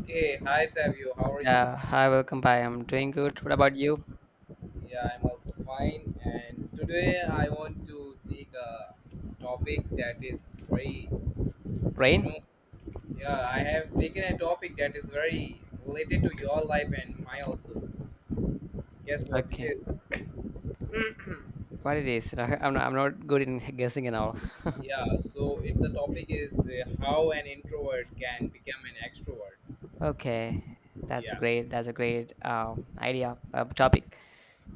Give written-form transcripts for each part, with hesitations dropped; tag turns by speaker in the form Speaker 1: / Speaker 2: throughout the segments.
Speaker 1: Okay, hi Savio, how are you?
Speaker 2: Yeah, hi, welcome by. I'm doing good. What about you?
Speaker 1: Yeah, I'm also fine. And today I want to take a topic that is very, you
Speaker 2: Rain?
Speaker 1: know, yeah, I have taken a topic that is very related to your life and my also. Guess what it
Speaker 2: Okay.
Speaker 1: is?
Speaker 2: What it is? I'm not good in guessing and all.
Speaker 1: Yeah, so the topic is how an introvert can become an extrovert.
Speaker 2: Okay, that's a
Speaker 1: Yeah.
Speaker 2: great. That's a great idea, topic.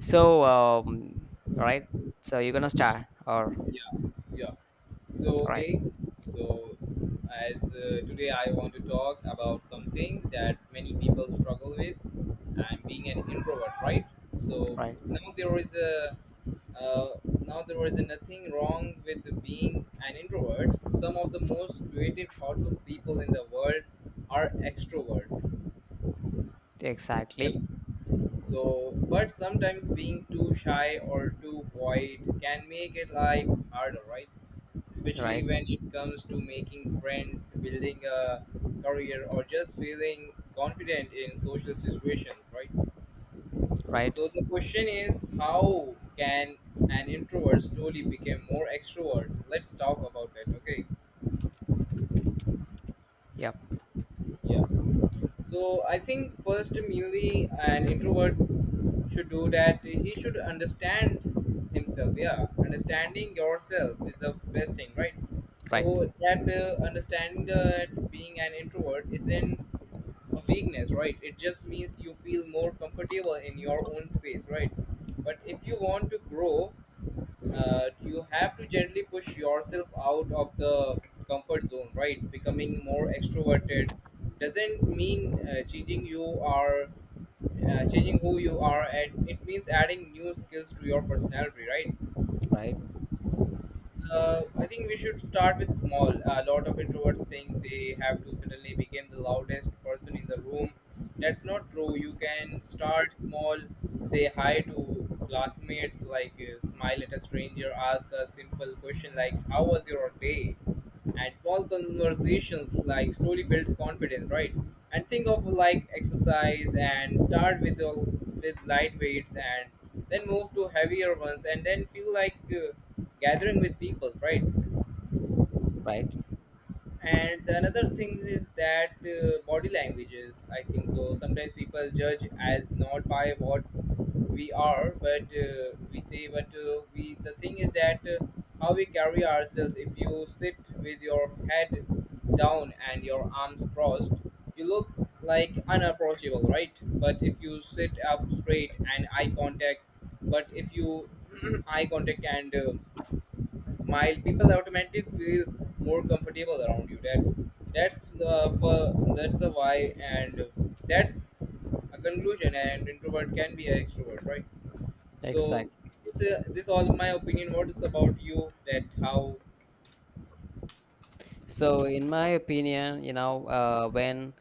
Speaker 2: So, um, all right. So you're gonna
Speaker 1: Okay.
Speaker 2: start, or
Speaker 1: Yeah. Yeah. So
Speaker 2: right,
Speaker 1: okay, so as today I want to talk about something that many people struggle with. I'm being an introvert, right? So
Speaker 2: right,
Speaker 1: now there is a uh, now there is nothing wrong with being an introvert. Some of the most creative, thoughtful people in the world are extrovert. Yeah.
Speaker 2: exactly,
Speaker 1: So, but sometimes being too shy or too quiet can make it life harder, right? Especially
Speaker 2: right,
Speaker 1: when it comes to making friends, building a career, or just feeling confident in social situations, right?
Speaker 2: right,
Speaker 1: So the question is, how can an introvert slowly become more extrovert? Let's talk about that, okay?
Speaker 2: yep,
Speaker 1: Yeah. So I think first, mainly, an introvert should do that. He should understand himself. Yeah, understanding yourself is the best thing, right?
Speaker 2: right,
Speaker 1: So that understanding that being an introvert isn't a weakness, right? It just means you feel more comfortable in your own space, right? But if you want to grow, you have to gently push yourself out of the comfort zone, right? Becoming more extroverted doesn't mean changing who you are, and it means adding new skills to your personality, right?
Speaker 2: right,
Speaker 1: I think we should start with small. A lot of introverts think they have to suddenly become the loudest person in the room. That's not true. You can start small, say hi to classmates, like smile at a stranger, ask a simple question like, how was your day? And small conversations like slowly build confidence, right? And think of like exercise and start with the with light weights and then move to heavier ones, and then feel like gathering with people, right?
Speaker 2: right,
Speaker 1: And the another thing is that body languages, I think so sometimes people judge as not by what we are but we say but we the thing is that, how we carry ourselves. If you sit with your head down and your arms crossed, you look like unapproachable, right? But if you sit up straight and eye contact but if you eye contact and smile, people automatically feel more comfortable around you. That that's the for that's the why and that's a conclusion. And introvert can be an extrovert, right? So
Speaker 2: exactly.
Speaker 1: this all my opinion. What is about you? That how?
Speaker 2: So, in my opinion, when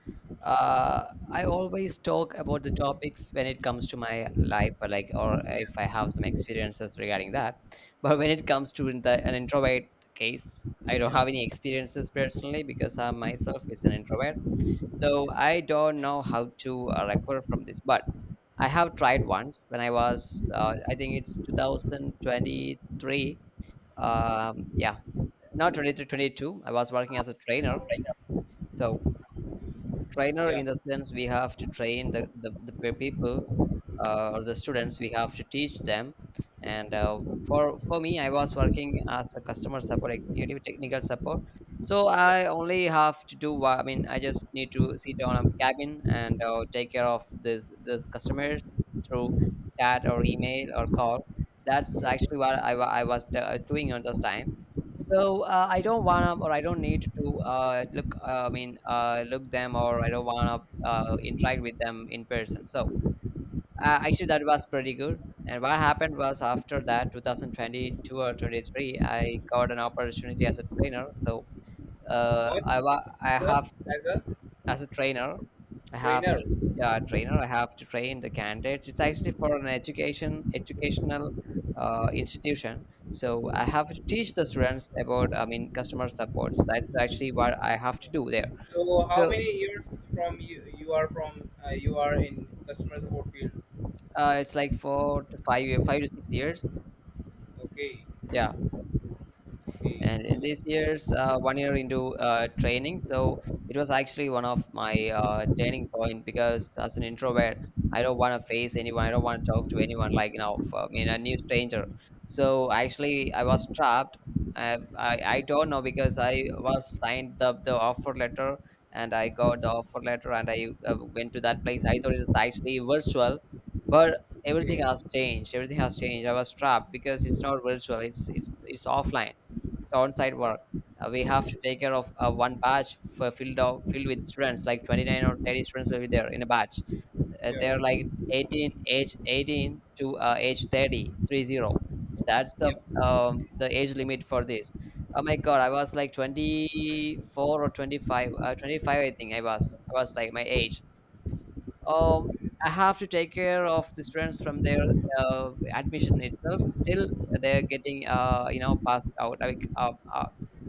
Speaker 2: uh, I always talk about the topics when it comes to my life, or like, or if I have some experiences regarding that. But when it comes to an introvert case, I don't
Speaker 1: Yeah,
Speaker 2: have any experiences personally because I myself is an introvert. So
Speaker 1: yeah,
Speaker 2: I don't know how to recover from this. But I have tried once when I think it's 2023. Yeah, now 20 to 22. I was working as a trainer. So trainer
Speaker 1: yeah,
Speaker 2: in the sense we have to train the people, or the students. We have to teach them. And for me, I was working as a customer support executive, technical support. So
Speaker 1: yeah.
Speaker 2: I only have to do what, I mean, I just need to sit on a cabin and take care of this customers through chat or email or call. That's
Speaker 1: Yeah.
Speaker 2: actually what I was doing on those time. So, I don't wanna, or I don't need to look. I mean, look them, or I don't wanna interact with them in person. So, actually, that was pretty good. And what happened was after that, 2022 or 23, I got an opportunity as a trainer. So,
Speaker 1: What
Speaker 2: I
Speaker 1: as
Speaker 2: have
Speaker 1: a
Speaker 2: as a trainer, I have
Speaker 1: trainer?
Speaker 2: to. Yeah, trainer, I have to train the candidates. It's actually for an educational institution. So I have to teach the students about, I mean, customer supports. That's actually what I have
Speaker 1: Yeah.
Speaker 2: to do there.
Speaker 1: So how
Speaker 2: So,
Speaker 1: many years from you you are from you are in customer support field?
Speaker 2: it's like four to five year 5 to 6 years.
Speaker 1: Okay,
Speaker 2: Yeah.
Speaker 1: okay,
Speaker 2: And in
Speaker 1: so,
Speaker 2: these years, one year into training, so it was actually one of my turning point because as an introvert, I don't want to face anyone. I don't want to talk to anyone, like, for, I mean, a new stranger. So actually, I was trapped. I don't know because I was signed the offer letter and I got the offer letter and I went to that place. I thought it was actually virtual, but everything
Speaker 1: okay,
Speaker 2: has changed. Everything has changed. I was trapped because it's not virtual. It's offline, it's on-site work. We have to take care of one batch filled with students, like 29 or 30 students will be there in a batch.
Speaker 1: yeah,
Speaker 2: They're like 18, age 18 to age thirty-three zero. So that's
Speaker 1: yeah,
Speaker 2: the age limit for this. Oh my God, I was like 24 or 25, 25 I think I was. I was like my age. Um, I have to take care of the students from their admission itself till they're getting, passed out, like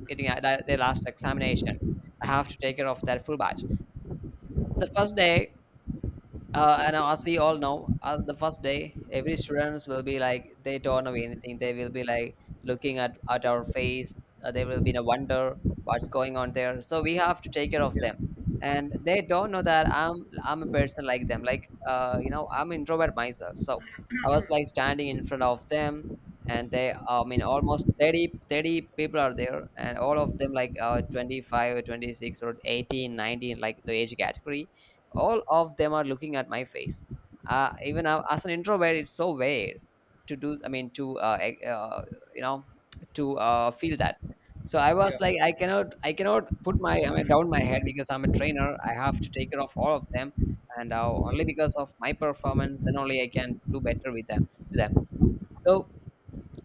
Speaker 2: getting their last examination. I have to take care of that full batch. The first day, and now, as we all know, the first day, every students will be like they don't know anything. They will be like looking at our face. They will be in a wonder what's going on there. So we have to take care of them, and they don't know that I'm a person like them. Like, I'm introvert myself. So I was like standing in front of them, and they, I mean, almost thirty people are there, and all of them like 25, 26, or 18, 19, like the age category, all of them are looking at my face. Even as an introvert, it's so weird to do, I mean, to you know feel that. So I
Speaker 1: yeah,
Speaker 2: was like, I cannot put my, I mean, down my head because I'm a trainer, I have to take care of all of them. And
Speaker 1: yeah.
Speaker 2: only because of my performance, then only I can do better with them to them so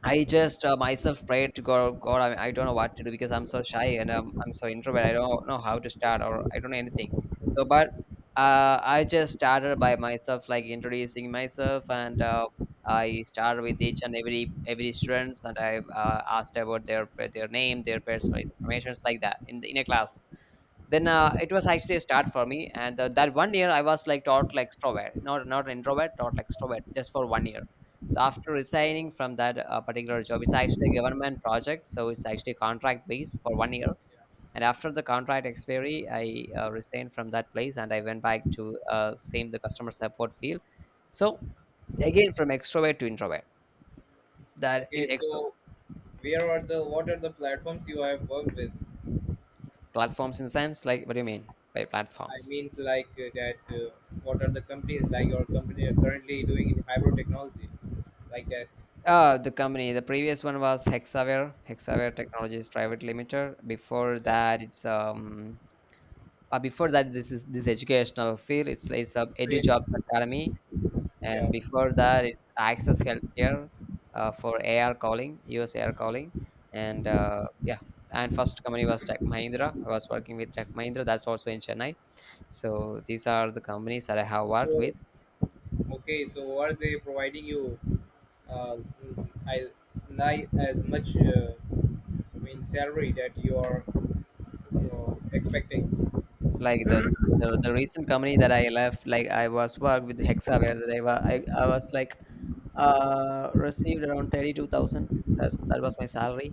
Speaker 2: I just myself prayed to God. God, I don't know what to do because I'm so shy and I'm so introvert. I don't know how to start or I don't know anything. So, but I just started by myself, like introducing myself, and I started with each and every students, and I asked about their name, their personal informations, like that in in a class. Then it was actually a start for me, and that one year I was like taught like extrovert, not, not an introvert, taught like extrovert, just for one year. So after resigning from that particular job, it's actually a government project, so it's actually contract based for one year. And after the contract expiry, I resigned from that place and I went back to same the customer support field. So again, from extrovert to introvert, that in
Speaker 1: Okay,
Speaker 2: extro.
Speaker 1: so where are the what are the platforms you have worked with?
Speaker 2: Platforms in sense, like what do you mean by
Speaker 1: I
Speaker 2: platforms?
Speaker 1: means like that. What are the companies like your company are currently doing in hybrid technology, like that?
Speaker 2: The company, the previous one was Hexaware, Hexaware Technologies Private Limited. Before
Speaker 1: Yeah.
Speaker 2: that, this is this educational field. It's a Edu
Speaker 1: Great.
Speaker 2: Jobs Academy, and
Speaker 1: Yeah.
Speaker 2: before that, it's Access Healthcare, for AR calling, US AR calling, and yeah. And first company was Tech Mahindra. I was working with Tech Mahindra. That's also in Chennai. So these are the companies that I have worked
Speaker 1: So
Speaker 2: with.
Speaker 1: okay, so are they providing you, mm, I like as much I mean salary that you are expecting?
Speaker 2: Like the recent company that I left, like I was worked with Hexa, where I was like. Received around 32,000. That was my salary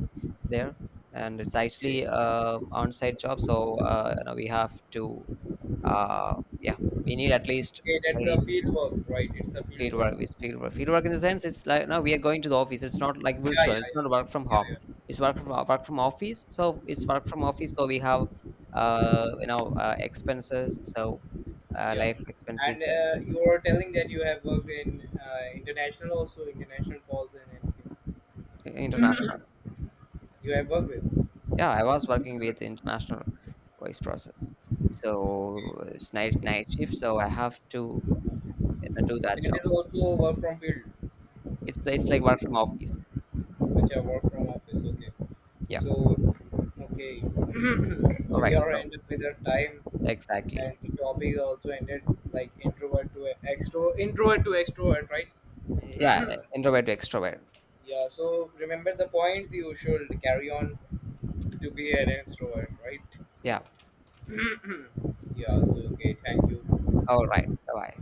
Speaker 2: there, and it's
Speaker 1: Okay,
Speaker 2: actually on-site job. So, we have to, uh, yeah, we need at least
Speaker 1: okay, that's
Speaker 2: 30.
Speaker 1: a field work, right? It's a field
Speaker 2: Field work.
Speaker 1: work.
Speaker 2: Is field work. Field work in the sense it's like now we are going to the office. It's not like
Speaker 1: Yeah,
Speaker 2: virtual. It's
Speaker 1: yeah,
Speaker 2: not work from
Speaker 1: yeah,
Speaker 2: home.
Speaker 1: yeah,
Speaker 2: It's work from office. So it's work from office. So we have expenses. So,
Speaker 1: yeah. Yeah.
Speaker 2: life
Speaker 1: And
Speaker 2: expenses,
Speaker 1: you were telling that you have worked in international also, international calls and everything.
Speaker 2: international.
Speaker 1: You have worked with.
Speaker 2: Yeah, I was working with international voice process.
Speaker 1: Okay.
Speaker 2: So it's night shift, so I have to, do that
Speaker 1: That
Speaker 2: job.
Speaker 1: is also work from field,
Speaker 2: It's like work from office.
Speaker 1: which I work from office. Okay.
Speaker 2: Yeah.
Speaker 1: So, okay. So
Speaker 2: All
Speaker 1: we
Speaker 2: right.
Speaker 1: are
Speaker 2: So
Speaker 1: ended with our time,
Speaker 2: exactly.
Speaker 1: and the topic also ended like introvert to extrovert, right?
Speaker 2: Yeah, introvert to extrovert.
Speaker 1: Yeah. So remember the points. You should carry on to be an extrovert, right?
Speaker 2: Yeah.
Speaker 1: Yeah. So okay. Thank you.
Speaker 2: All right. Bye bye.